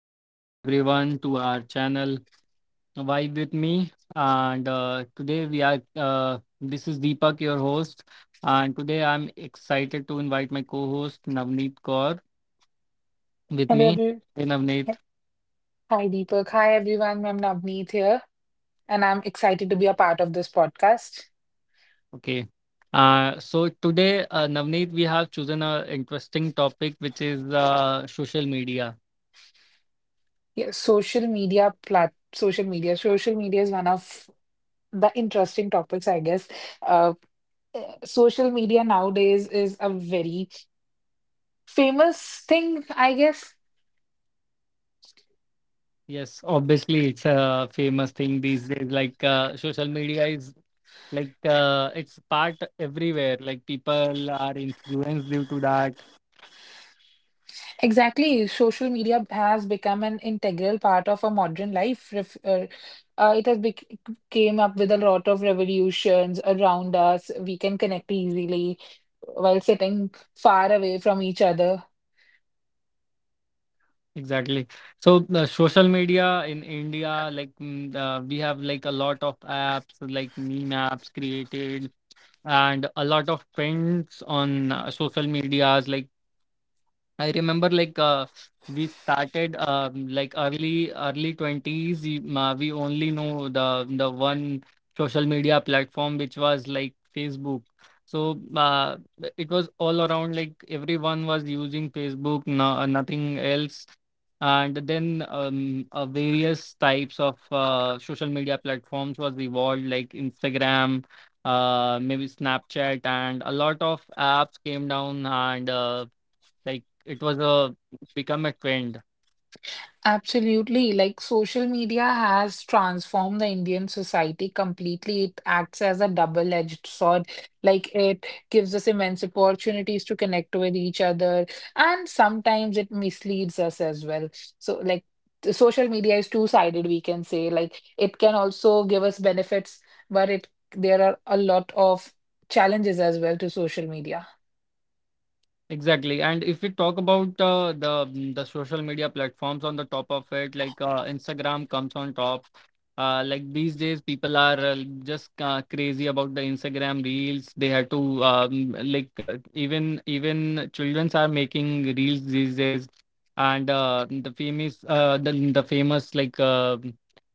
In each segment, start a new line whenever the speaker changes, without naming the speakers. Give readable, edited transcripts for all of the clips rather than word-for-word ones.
Welcome everyone to our channel Vibe with Me. And today this is Deepak, your host. And today I'm excited to invite my co host Navneet Kaur with
Hello,
me.
everyone.
Hey, Navneet.
Hi, Deepak. Hi, everyone. I'm Navneet here, and I'm excited to be a part of this podcast.
Okay. So today, Navneet, we have chosen an interesting topic, which is social media.
Yeah, social media plat social media. Social media is one of the interesting topics, I guess. Uh, social media nowadays is a very famous thing, I guess.
Yes, obviously it's a famous thing these days. Like social media is like it's part everywhere. Like people are influenced due to that.
Exactly. Social media has become an integral part of our modern life. Ref it has bec Came up with a lot of revolutions around us. We can connect easily while sitting far away from each other.
Exactly. So social media in India, we have like a lot of apps, like meme apps created, and a lot of trends on social medias. Like I remember we started like early 20s we only know the one social media platform which was like Facebook. So it was all around like everyone was using Facebook, no, nothing else. And then various types of social media platforms was evolved like Instagram, maybe Snapchat, and a lot of apps came down and like it was a become a trend.
Absolutely. Like social media has transformed the Indian society completely. It acts as a double-edged sword. Like it gives us immense opportunities to connect with each other, and sometimes it misleads us as well. So, like, the social media is two-sided, we can say. Like, it can also give us benefits, but it there are a lot of challenges as well to social media.
Exactly. And if we talk about the social media platforms on the top of it, like Instagram comes on top. Like these days, people are just crazy about the Instagram reels. They have to like even childrens are making reels these days, and the famous like uh,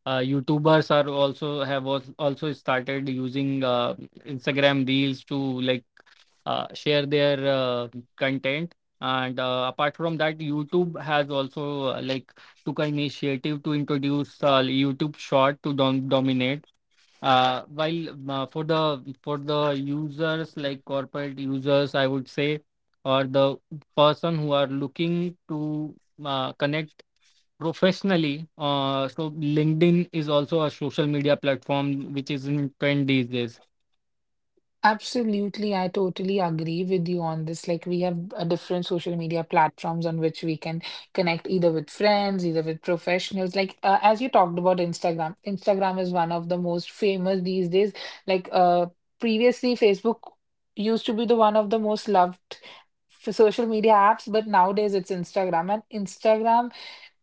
uh, YouTubers are also have also started using Instagram reels to like share their content. And apart from that, YouTube has also like took an initiative to introduce YouTube Short to dominate. While for the users like corporate users, I would say, or the person who are looking to connect professionally, so LinkedIn is also a social media platform which is in trend these days.
Absolutely, I totally agree with you on this. Like, we have different social media platforms on which we can connect either with friends, either with professionals. Like, as you talked about Instagram, Instagram is one of the most famous these days. Like, uh, Previously, Facebook used to be the one of the most loved social media apps, but nowadays it's Instagram. And Instagram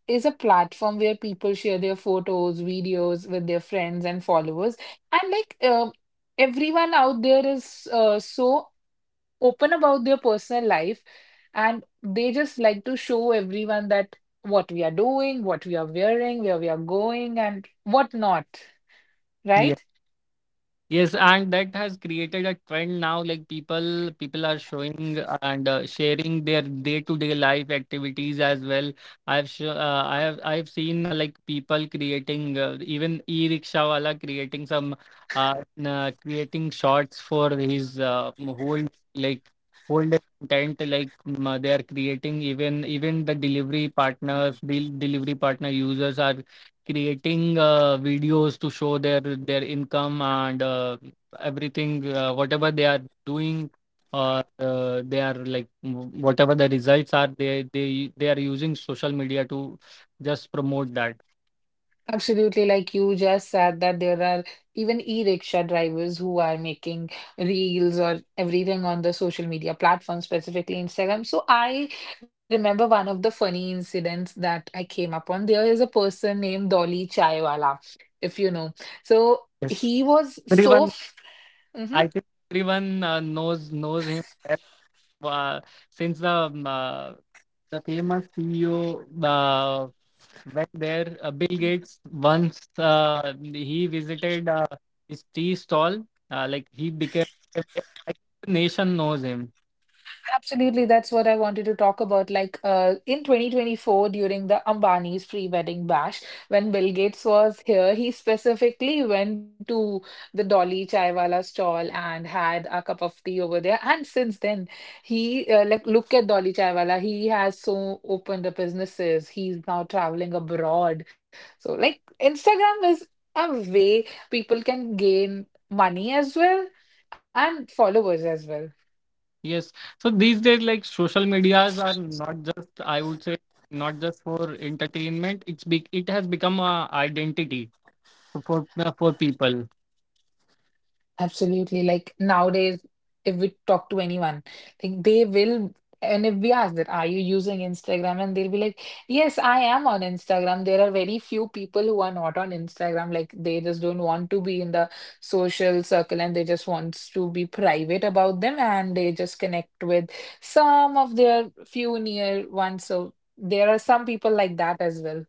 is a platform where people share their photos, videos with their friends and followers. And everyone out there is so open about their personal life, and they just like to show everyone that what we are doing, what we are wearing, where we are going, and what not,
Yeah.
right?
Yes, and that has created a trend now. Like people are showing and sharing their day-to-day life activities as well. I have I've seen like people creating even e-rickshaw wala creating some creating shots for his whole like whole day content. They are creating even the delivery partners, the delivery partner users are creating videos to show their income and everything whatever they are doing or they are like whatever the results are they are using social media to just promote that.
Absolutely, like you just said that there are even e-rickshaw drivers who are making reels or everything on the social media platform, specifically Instagram. So I remember one of the funny incidents that I came upon. There is a person named Dolly Chaiwala, if you know. So
Yes,
he was so
everyone.
f- Mm-hmm.
I think everyone knows him well, uh, since the famous CEO went there. Bill Gates once he visited his tea stall. Like he became, I think, the nation knows him.
Absolutely, that's what I wanted to talk about. Like in 2024, during the Ambani's free wedding bash, when Bill Gates was here, he specifically went to the Dolly Chaiwala stall and had a cup of tea over there. And since then, he like look at Dolly Chaiwala. He has so opened up businesses. He's now traveling abroad. So like Instagram is a way people can gain money as well and followers as well.
Yes. So these days, like social medias are not just, I would say, not just for entertainment. It has become a identity for people.
Absolutely. Like nowadays, if we talk to anyone, like they will, and if we ask that, are you using Instagram? And they'll be like, yes, I am on Instagram. There are very few people who are not on Instagram. Like they just don't want to be in the social circle, and they just wants to be private about them and they just connect with some of their few near ones. So there are some people like that as well.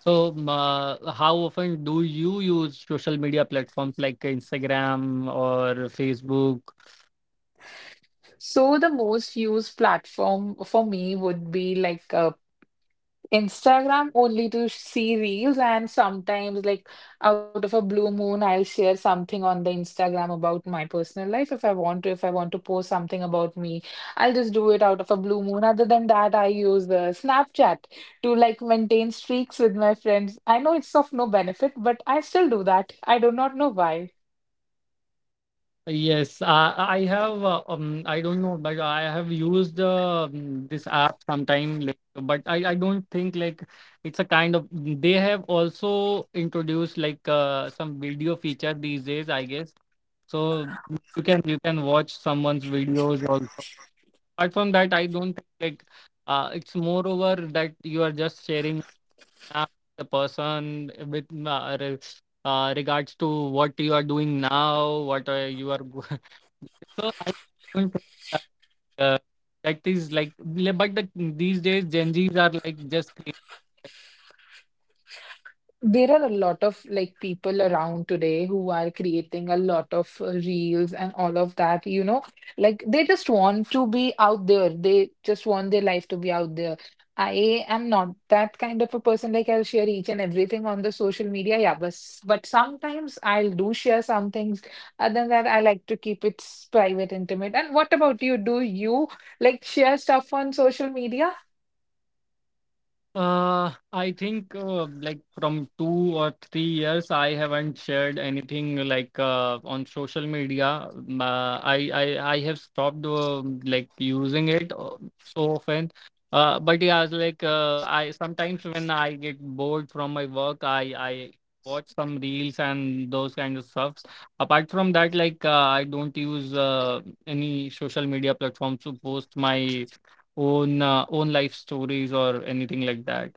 So how often do you use social media platforms like Instagram or Facebook?
So the most used platform for me would be like Instagram only to see reels, and sometimes, like out of a blue moon, I'll share something on the Instagram about my personal life if I want to. If I want to post something about me, I'll just do it out of a blue moon. Other than that, I use the Snapchat to like maintain streaks with my friends. I know it's of no benefit, but I still do that. I do not know why.
Yes, I have. I don't know, but I have used this app sometime. Like, but I don't think like it's a kind of. They have also introduced like some video feature these days, I guess. So you can watch someone's videos also. Apart from that, I don't think like it's more over that you are just sharing now the person with regards to what you are doing now, what you are. So I don't think that, uh, that is like, but these days Gen Zs are like just.
There are a lot of like people around today who are creating a lot of reels and all of that, you know, like they just want to be out there. They just want their life to be out there. I am not that kind of a person. Like I'll share each and everything on the social media. Yeah, but but sometimes I'll do share some things. Other than that, I like to keep it private, intimate. And what about you? Do you like share stuff on social media?
I think like from 2 or 3 years, I haven't shared anything like on social media. I have stopped like using it so often. But yeah, it's like I sometimes when I get bored from my work, I watch some reels and those kind of stuff. Apart from that, like I don't use any social media platforms to post my own life stories or anything like that.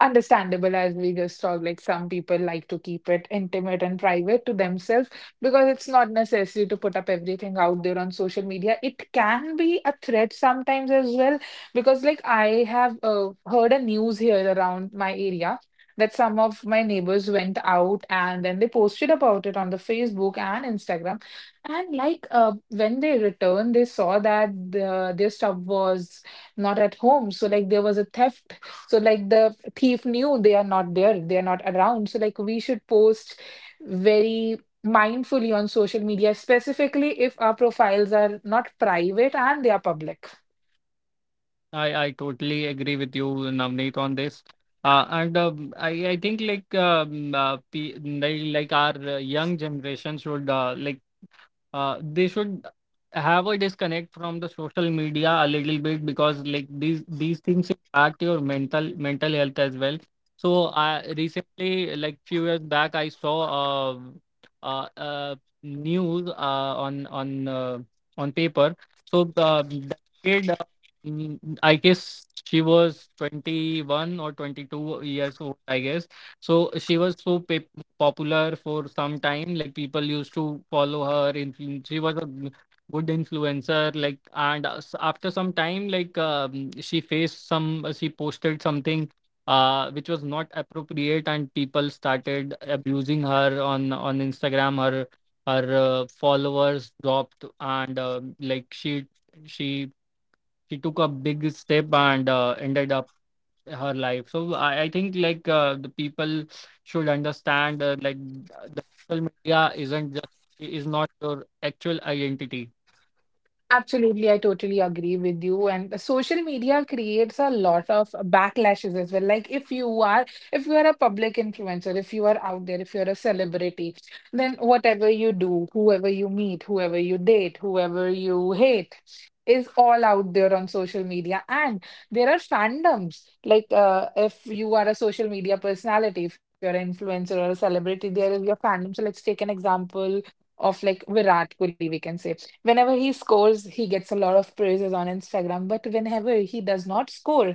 Understandable, as we just talked, like some people like to keep it intimate and private to themselves, because it's not necessary to put up everything out there on social media. It can be a threat sometimes as well, because like I have heard a news here around my area that some of my neighbors went out, and then they posted about it on the Facebook and Instagram. And like when they returned, they saw that their stuff was not at home. So like there was a theft. So like the thief knew they are not there, they are not around. So like we should post very mindfully on social media, specifically if our profiles are not private and they are public.
I totally agree with you, Navneet, on this. And I think like like our young generation should like they should have a disconnect from the social media a little bit because like these things impact your mental health as well. So I recently, like few years back, I saw uh, uh news on paper. So that kid, mm, I guess she was 21 or 22 years old, I guess. So she was so pa popular for some time. Like people used to follow her. She was a good influencer. Like and after some time, like she faced some. She posted something which was not appropriate, and people started abusing her on Instagram. Her followers dropped, and like she she took a big step and ended up her life. So I think like the people should understand like the social media isn't just is not your actual identity.
Absolutely, I totally agree with you. And social media creates a lot of backlashes as well. Like if you are a public influencer, if you are out there, if you're a celebrity, then whatever you do, whoever you meet, whoever you date, whoever you hate, is all out there on social media. And there are fandoms. Like if you are a social media personality, if you're an influencer or a celebrity, there is your fandom. So let's take an example of like Virat Kohli, we can say. Whenever he scores, he gets a lot of praises on Instagram. But whenever he does not score,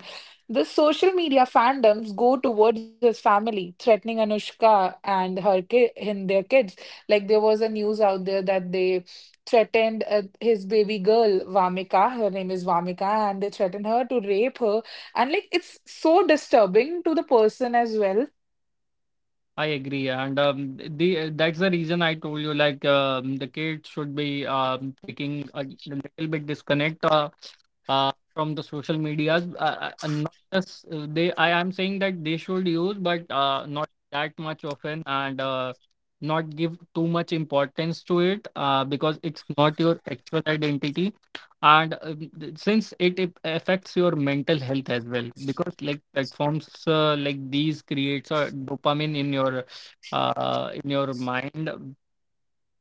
the social media fandoms go towards his family, threatening Anushka and their kids. Like there was a news out there that they threatened his baby girl Vamika. Her name is Vamika, and they threatened her to rape her. And like it's so disturbing to the person as well.
I agree, and the that's the reason I told you, like the kids should be taking a little bit disconnect from the social medias. Not just I am saying that they should use, but not that much often, and not give too much importance to it because it's not your actual identity. And since it affects your mental health as well, because like platforms like these creates a dopamine in your mind.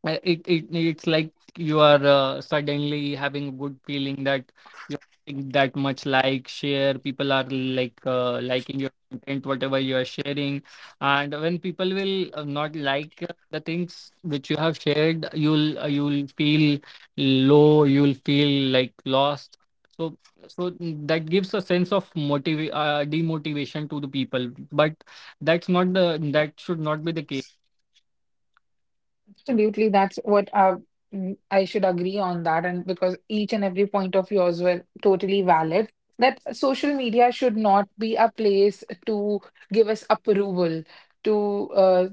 It it's like you are suddenly having a good feeling that you're getting that much like share. People are like liking your content, whatever you are sharing. And when people will not like the things which you have shared, you'll feel low. You'll feel like lost. So so that gives a sense of motiv demotivation to the people. But that should not be the case.
Absolutely, that's what I should agree on that, and because each and every point of yours were totally valid. That social media should not be a place to give us approval, to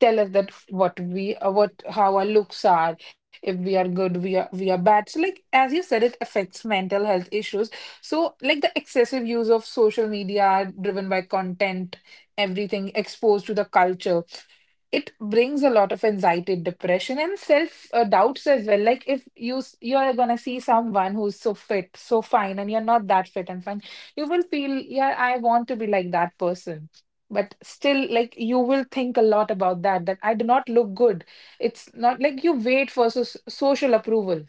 tell us that what we what how our looks are, if we are good, we are bad. So, like as you said, it affects mental health issues. So, like the excessive use of social media, driven by content, everything exposed to the culture, it brings a lot of anxiety, depression and self doubts as well. Like if you you're gonna see someone who's so fit, so fine, and you're not that fit and fine, you will feel, yeah, I want to be like that person. But still, like, you will think a lot about that, I do not look good. It's not like you wait for social approval.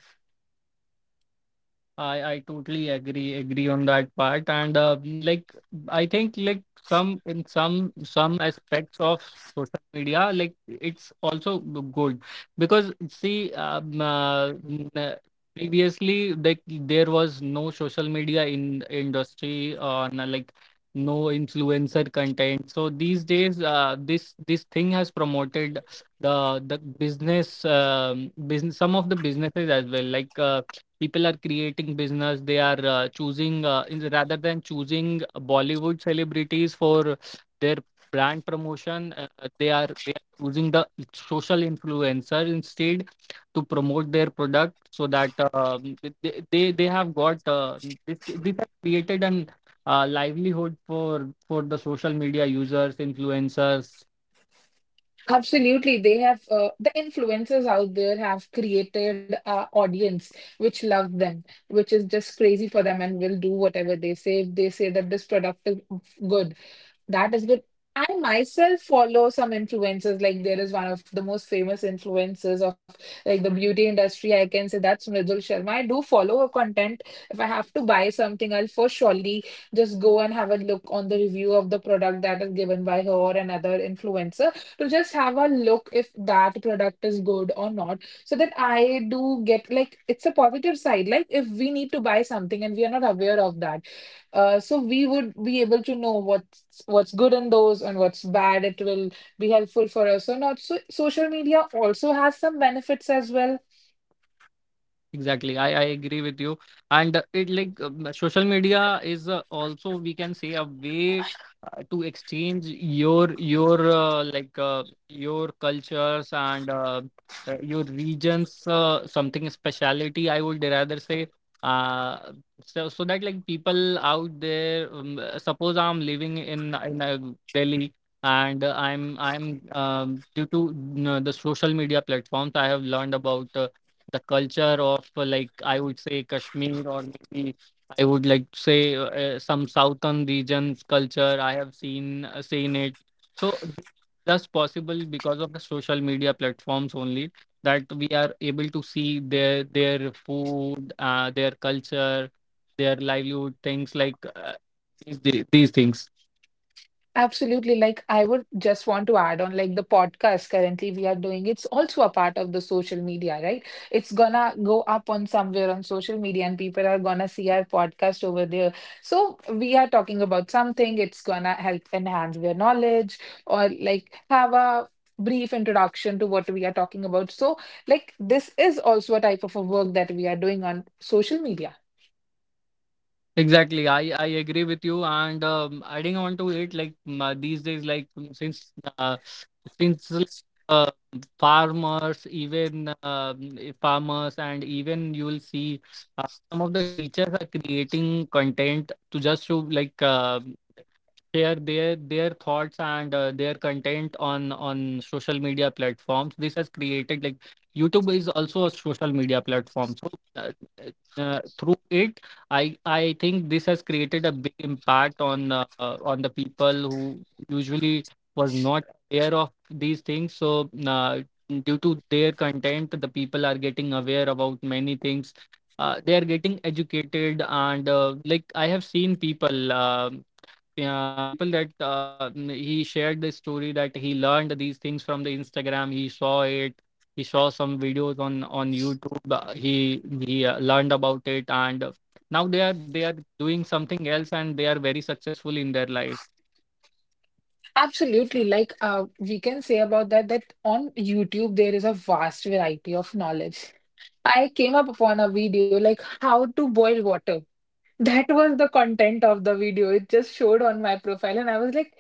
I totally agree on that part, and like I think like some aspects of social media like it's also good because see, previously, like there was no social media in industry or like no influencer content. So these days this thing has promoted the business, some of the businesses as well. Like people are creating business. They are choosing rather than choosing bollywood celebrities for their brand promotion, they are choosing the social influencer instead to promote their product. So that they have got this this has created an livelihood for the social media users influencers.
Absolutely. They have the influencers out there have created a audience which love them, which is just crazy for them and will do whatever they say. If they say that this product is good, that is good. I myself follow some influencers. Like there is one of the most famous influencers of like the beauty industry. I can say that's Mridul Sharma. I do follow her content. If I have to buy something, I'll for surely just go and have a look on the review of the product that is given by her or another influencer, to just have a look if that product is good or not. So that I do get. Like it's a positive side. Like if we need to buy something and we are not aware of that, so we would be able to know what's good in those and what's bad. It will be helpful for us or not. So social media also has some benefits as well.
Exactly. I agree with you. And it like social media is also we can say a way to exchange your like your cultures and your regions something speciality, I would rather say. uh so that like people out there, suppose I'm living in Delhi, and I'm due to you know, the social media platforms, I have learned about the culture of like I would say Kashmir, or maybe I would like to say some southern regions culture. I have seen seen it. So that's possible because of the social media platforms only, that we are able to see their food, their culture, their livelihood things, like these things.
Absolutely. Like, I would just want to add on, like, the podcast currently we are doing, it's also a part of the social media, right? It's gonna go up on somewhere on social media, and people are gonna see our podcast over there. So, we are talking about something, it's gonna help enhance their knowledge or like have a brief introduction to what we are talking about. So, like, this is also a type of a work that we are doing on social media.
Exactly. I agree with you. And adding on to it, like these days, like since uh, since like, uh, farmers, even farmers, and even you will see some of the teachers are creating content to just to like. Share their thoughts and their content on social media platforms. This has created, like YouTube is also a social media platform. So uh, through it I think this has created a big impact on the people who usually was not aware of these things. So uh, due to their content, the people are getting aware about many things. They are getting educated, and like I have seen people people that he shared the story that he learned these things from the Instagram. He saw it. He saw some videos on YouTube. He learned about it, and now they are doing something else, and they are very successful in their life.
Absolutely. Like we can say about that on YouTube there is a vast variety of knowledge. I came up upon a video like how to boil water. That was the content of the video. It just showed on my profile, and I was like,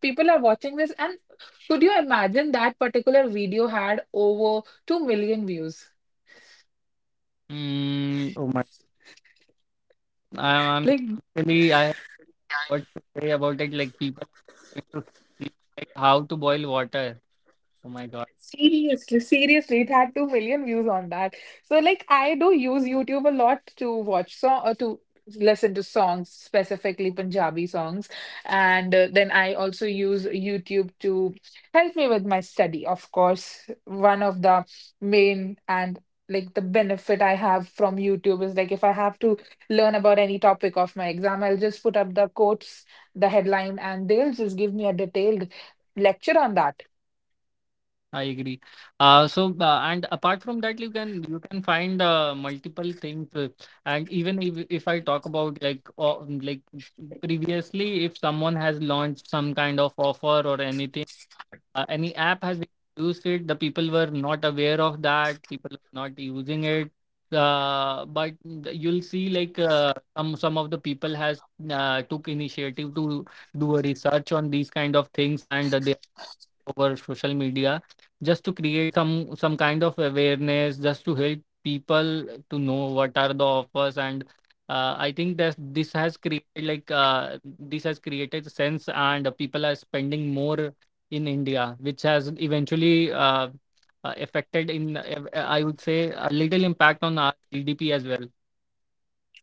people are watching this, and could you imagine that particular video had over 2 million views?
Mm, oh my! I'm,
Like
I'm really I have what to say about it. Like people are going to see like how to boil water. Oh my God.
seriously, seriously, it had 2 million views on that. So like I do use YouTube a lot to watch song or to listen to songs, specifically Punjabi songs. And then I also use YouTube to help me with my study. Of course, one of the main and like the benefit I have from YouTube is like if I have to learn about any topic of my exam, I'll just put up the quotes, the headline, and they'll just give me a detailed lecture on that.
I agree. And apart from that, you can find multiple things. And even if I talk about like like previously, if someone has launched some kind of offer or anything, any app has introduced it. The people were not aware of that. People are not using it. But you'll see like some of the people has took initiative to do a research on these kind of things, and they over social media just to create some kind of awareness just to help people to know what are the offers. And I think that this has created like this has created sense and people are spending more in india which has eventually affected I would say a little impact on our gdp as well.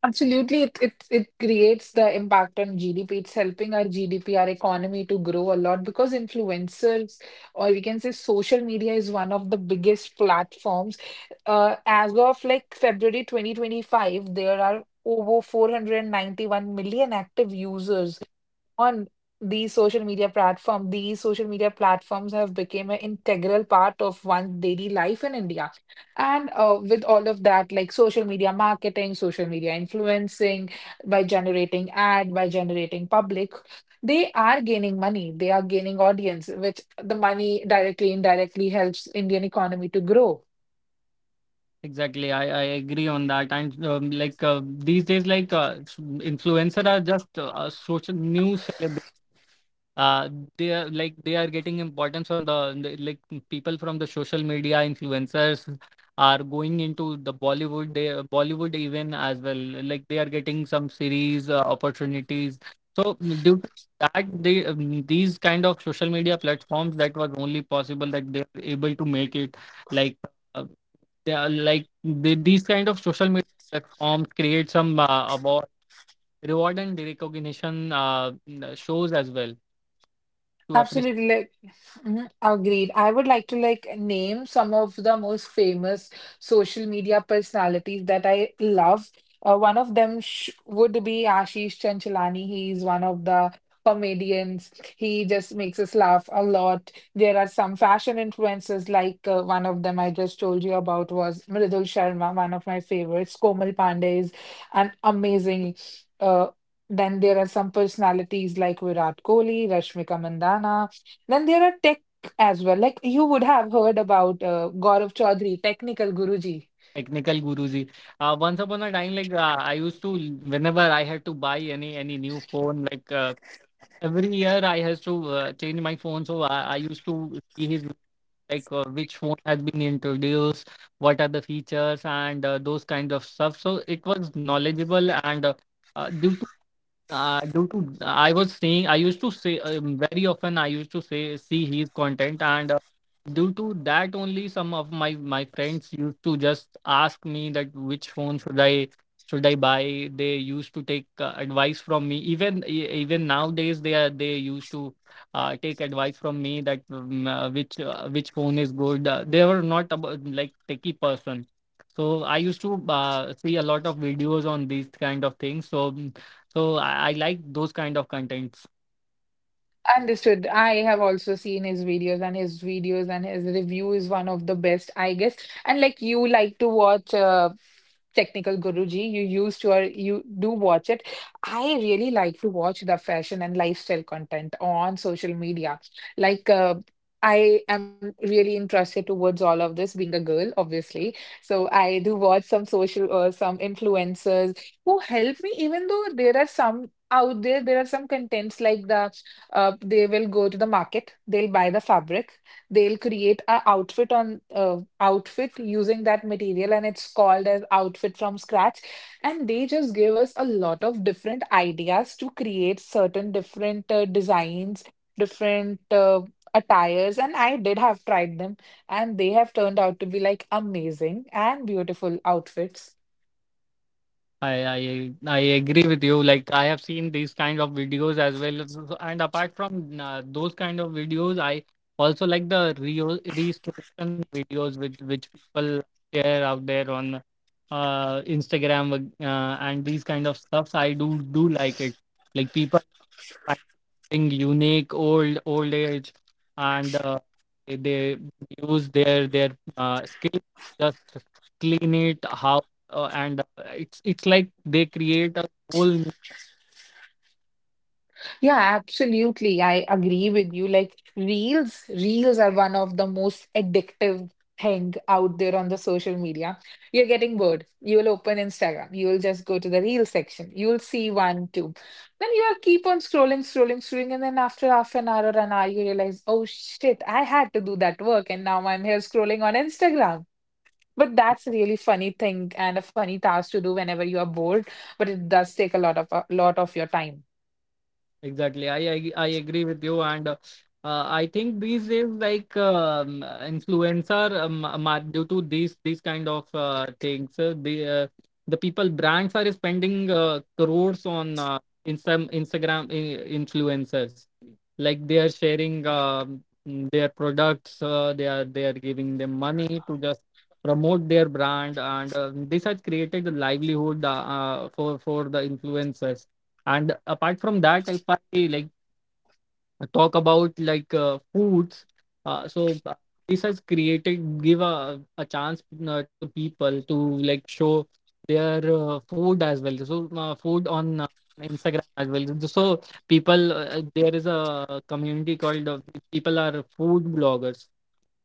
Absolutely, it creates the impact on GDP. It's helping our GDP, our economy to grow a lot because influencers, or we can say social media, is one of the biggest platforms. As of like February 2025, there are over 491 million active users on these social media platform. These social media platforms have become an integral part of one's daily life in India. And with all of that, like social media marketing, social media influencing, by generating ad, by generating public, they are gaining money. They are gaining audience, which the money directly, indirectly helps Indian economy to grow.
Exactly. I agree on that. And like These days like influencer are just a social news. uh they are getting importance from the people from the social media. Influencers are going into the Bollywood. They Bollywood even as well Like they are getting some series opportunities. So due to that they these kind of social media platforms, that was only possible that they are able to make it. Like uh, they are like The these kind of social media platforms create some award, reward and recognition shows as well to appreciate.
Absolutely. Like, mhm, agreed. I would like to like name some of the most famous social media personalities that I love. One of them sh would be Ashish Chanchalani. He's one of the comedians. He just makes us laugh a lot. There are some fashion influencers like one of them I just told you about was Mridul Sharma, one of my favorites. Komal Pandey is an amazing uh, then there are some personalities like Virat Kohli, Rashmika Mandana. Then there are tech as well. Like you would have heard about Gaurav Chaudhary, technical Guruji.
Technical Guruji. Once upon a time, like whenever I had to buy any new phone, like every year I has to change my phone. So I used to see his like which phone has been introduced, what are the features, and those kind of stuff. So it was knowledgeable. And. Due to Due to, I was saying, I used to say very often I used to say see his content, and due to that only some of my friends used to just ask me that which phone should I buy. They used to take advice from me, even even nowadays they are they used to take advice from me that which phone is good. They were not about like techie person, so I used to see a lot of videos on these kind of things. So I like those kind of contents.
Understood. I have also seen his videos and his videos and his review is one of the best, I guess. And like you like to watch Technical Guruji, you used to or you do watch it. I really like to watch the fashion and lifestyle content on social media. Like uh, I am really interested towards all of this, being a girl, obviously. So I do watch some social some influencers who help me, even though there are some out there, there are some contents like the they will go to the market, they'll buy the fabric, they'll create a outfit on outfit using that material, and it's called as outfit from scratch, and they just give us a lot of different ideas to create certain different designs, different attires, and I did have tried them, and they have turned out to be like amazing and beautiful outfits.
I agree with you. Like I have seen these kind of videos as well. And apart from those kind of videos, I also like the restoration videos with which people share out there on Instagram and these kind of stuffs. I do like it. Like people find something unique, old age, and they they use their skill, just clean it how, and it's like they create a whole new.
Yeah, absolutely. I agree with you. Like reels, are one of the most addictive thing out there on the social media. You're getting bored. You will open Instagram. You will just go to the reel section. You will see one, two. Then you will keep on scrolling, scrolling, scrolling, and then after half an hour or an hour, you realize, oh shit, I had to do that work, and now I'm here scrolling on Instagram. But that's a really funny thing and a funny task to do whenever you are bored, but it does take a lot of your time.
Exactly. I agree with you. And I think these days, influencer, due to these kind of things, the people, brands are spending crores on in some Instagram influencers. Like they are sharing their products. They are giving them money to just promote their brand, and this has created the livelihood for the influencers. And apart from that, if I like talk about like foods, uh, so uh, this has created, give a chance to the people to like show their food as well. So food on instagram as well. So people there is a community called people are food bloggers.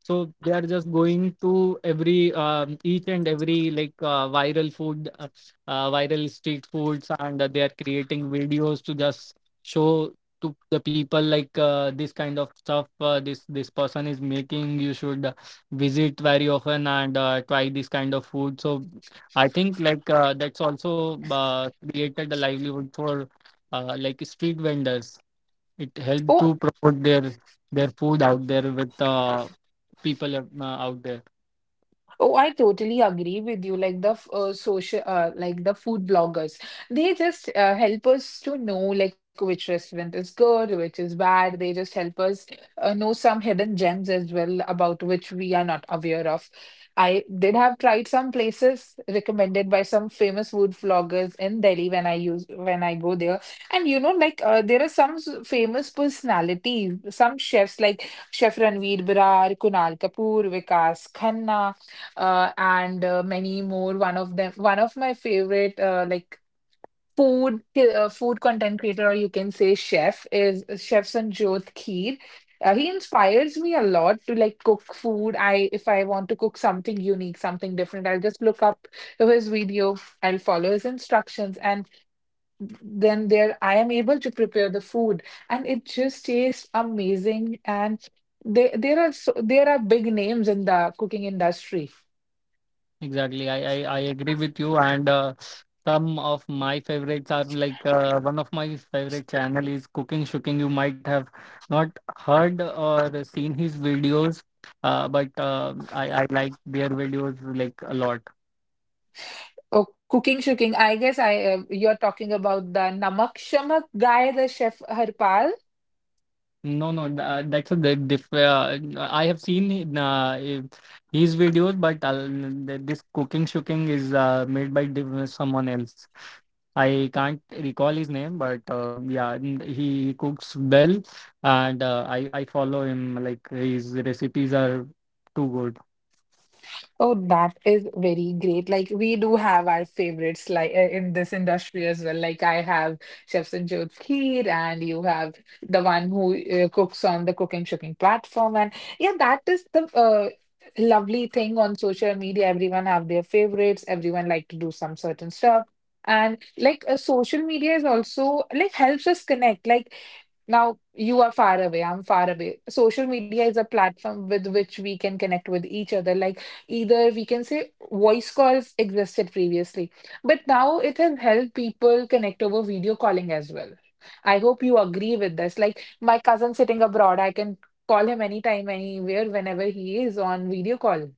So they are just going to every each and every like viral food, viral street foods, and they are creating videos to just show to the people like this kind of stuff, this person is making. You should visit very often and try this kind of food. So I think like that's also created a livelihood for like street vendors. It helped
Oh.
to promote their food out there with people are, out there.
Oh, I totally agree with you. Like the social, like the food bloggers, they just help us to know like which restaurant is good, which is bad. They just help us know some hidden gems as well about which we are not aware of. I did have tried some places recommended by some famous food vloggers in Delhi when I use when I go there, and you know like there are some famous personalities, some chefs like Chef Ranveer Brar, Kunal Kapoor, Vikas Khanna, and many more. One of my favorite food content creator, or you can say chef, is Chef Sanjot Kheer. He inspires me a lot to like cook food. I If I want to cook something unique, something different, I'll just look up his video. I'll follow his instructions, and then there I am able to prepare the food, and it just tastes amazing. And there are so, there are big names in the cooking industry.
Exactly. I agree with you. And Some of my favorites are like one of my favorite channel is cooking shooking. You might have not heard or seen his videos, but I like their videos like a lot.
Oh, cooking, shooking. I guess I you're talking about the Namak Shamak guy, the chef Harpal.
No, no, that's a good diff. I have seen uh, it- his videos, but this cooking shooking is made by someone else. I can't recall his name, but yeah, he cooks well, and I follow him. Like his recipes are too good.
Oh, that is very great. Like we do have our favorites like in this industry as well. Like I have Chef Sanjot Kheer, and you have the one who cooks on the cooking, shooking platform. And yeah, that is the lovely thing on social media. Everyone have their favorites. Everyone like to do some certain stuff. And like social media is also like helps us connect. Like, now you are far away, I'm far away. Social media is a platform with which we can connect with each other. Like either we can say voice calls existed previously, but now it has helped people connect over video calling as well. I hope you agree with this. Like my cousin sitting abroad, I can call him anytime, anywhere, whenever he is on video call.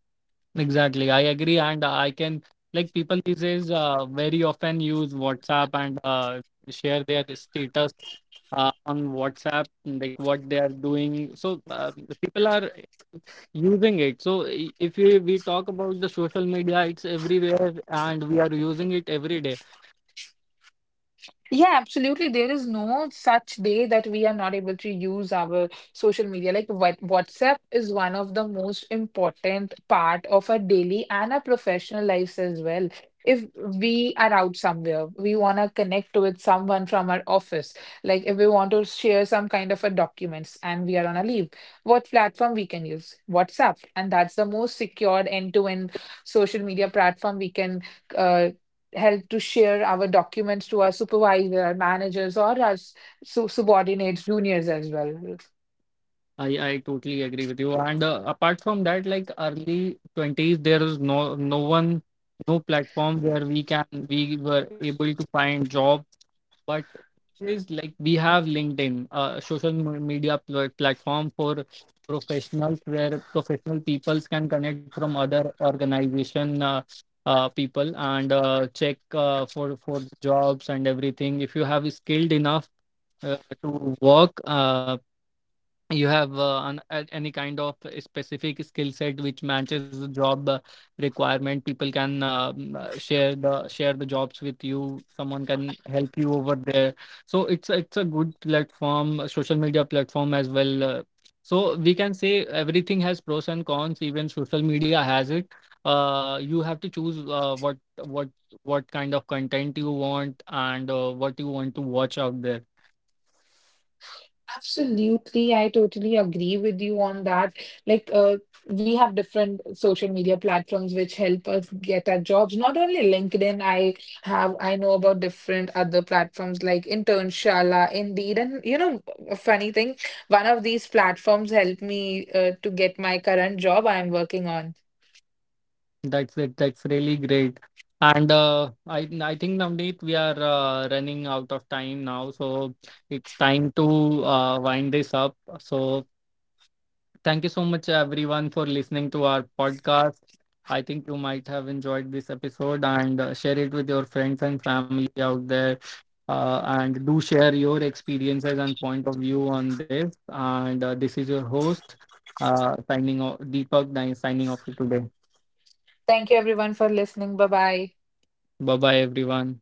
Exactly. I agree. And I can, like, people these days very often use WhatsApp and share their status on WhatsApp, like what they are doing. So the people are using it. So I- if we, we talk about the social media, it's everywhere and we are using it every day.
Yeah, absolutely. There is no such day that we are not able to use our social media. Like what WhatsApp is one of the most important part of our daily and our professional lives as well. If we are out somewhere, we want to connect with someone from our office. Like if we want to share some kind of a documents and we are on a leave, what platform we can use? WhatsApp. And that's the most secured end-to-end social media platform we can uh, help to share our documents to our supervisor, managers, or our subordinates, juniors as well.
I, I totally agree with you. And apart from that, like early 20s, there is no one, no platform where we can, we were able to find jobs. But is like we have LinkedIn, a social media platform for professionals, where professional peoples can connect from other organization people and check for jobs and everything. If you have skilled enough uh, to work, you have any kind of a specific skill set which matches the job requirement. People can share the jobs with you. Someone can help you over there. So it's it's a good platform, a social media platform as well. We can say everything has pros and cons, even social media has it. You have to choose what what kind of content you want and what you want to watch out there.
Absolutely, I totally agree with you on that. Like, we have different social media platforms which help us get our jobs. Not only LinkedIn, I know about different other platforms like Internshala, Indeed, and you know, a funny thing, one of these platforms helped me to get my current job I'm working on.
That's it. That's really great. And I think, Navneet, we are running out of time now, so it's time to wind this up. So thank you so much, everyone, for listening to our podcast. I think you might have enjoyed this episode, and share it with your friends and family out there. And do share your experiences and point of view on this. And this is your host, signing off, Deepak, signing off for today.
Thank you everyone for listening. Bye bye.
Bye bye, everyone.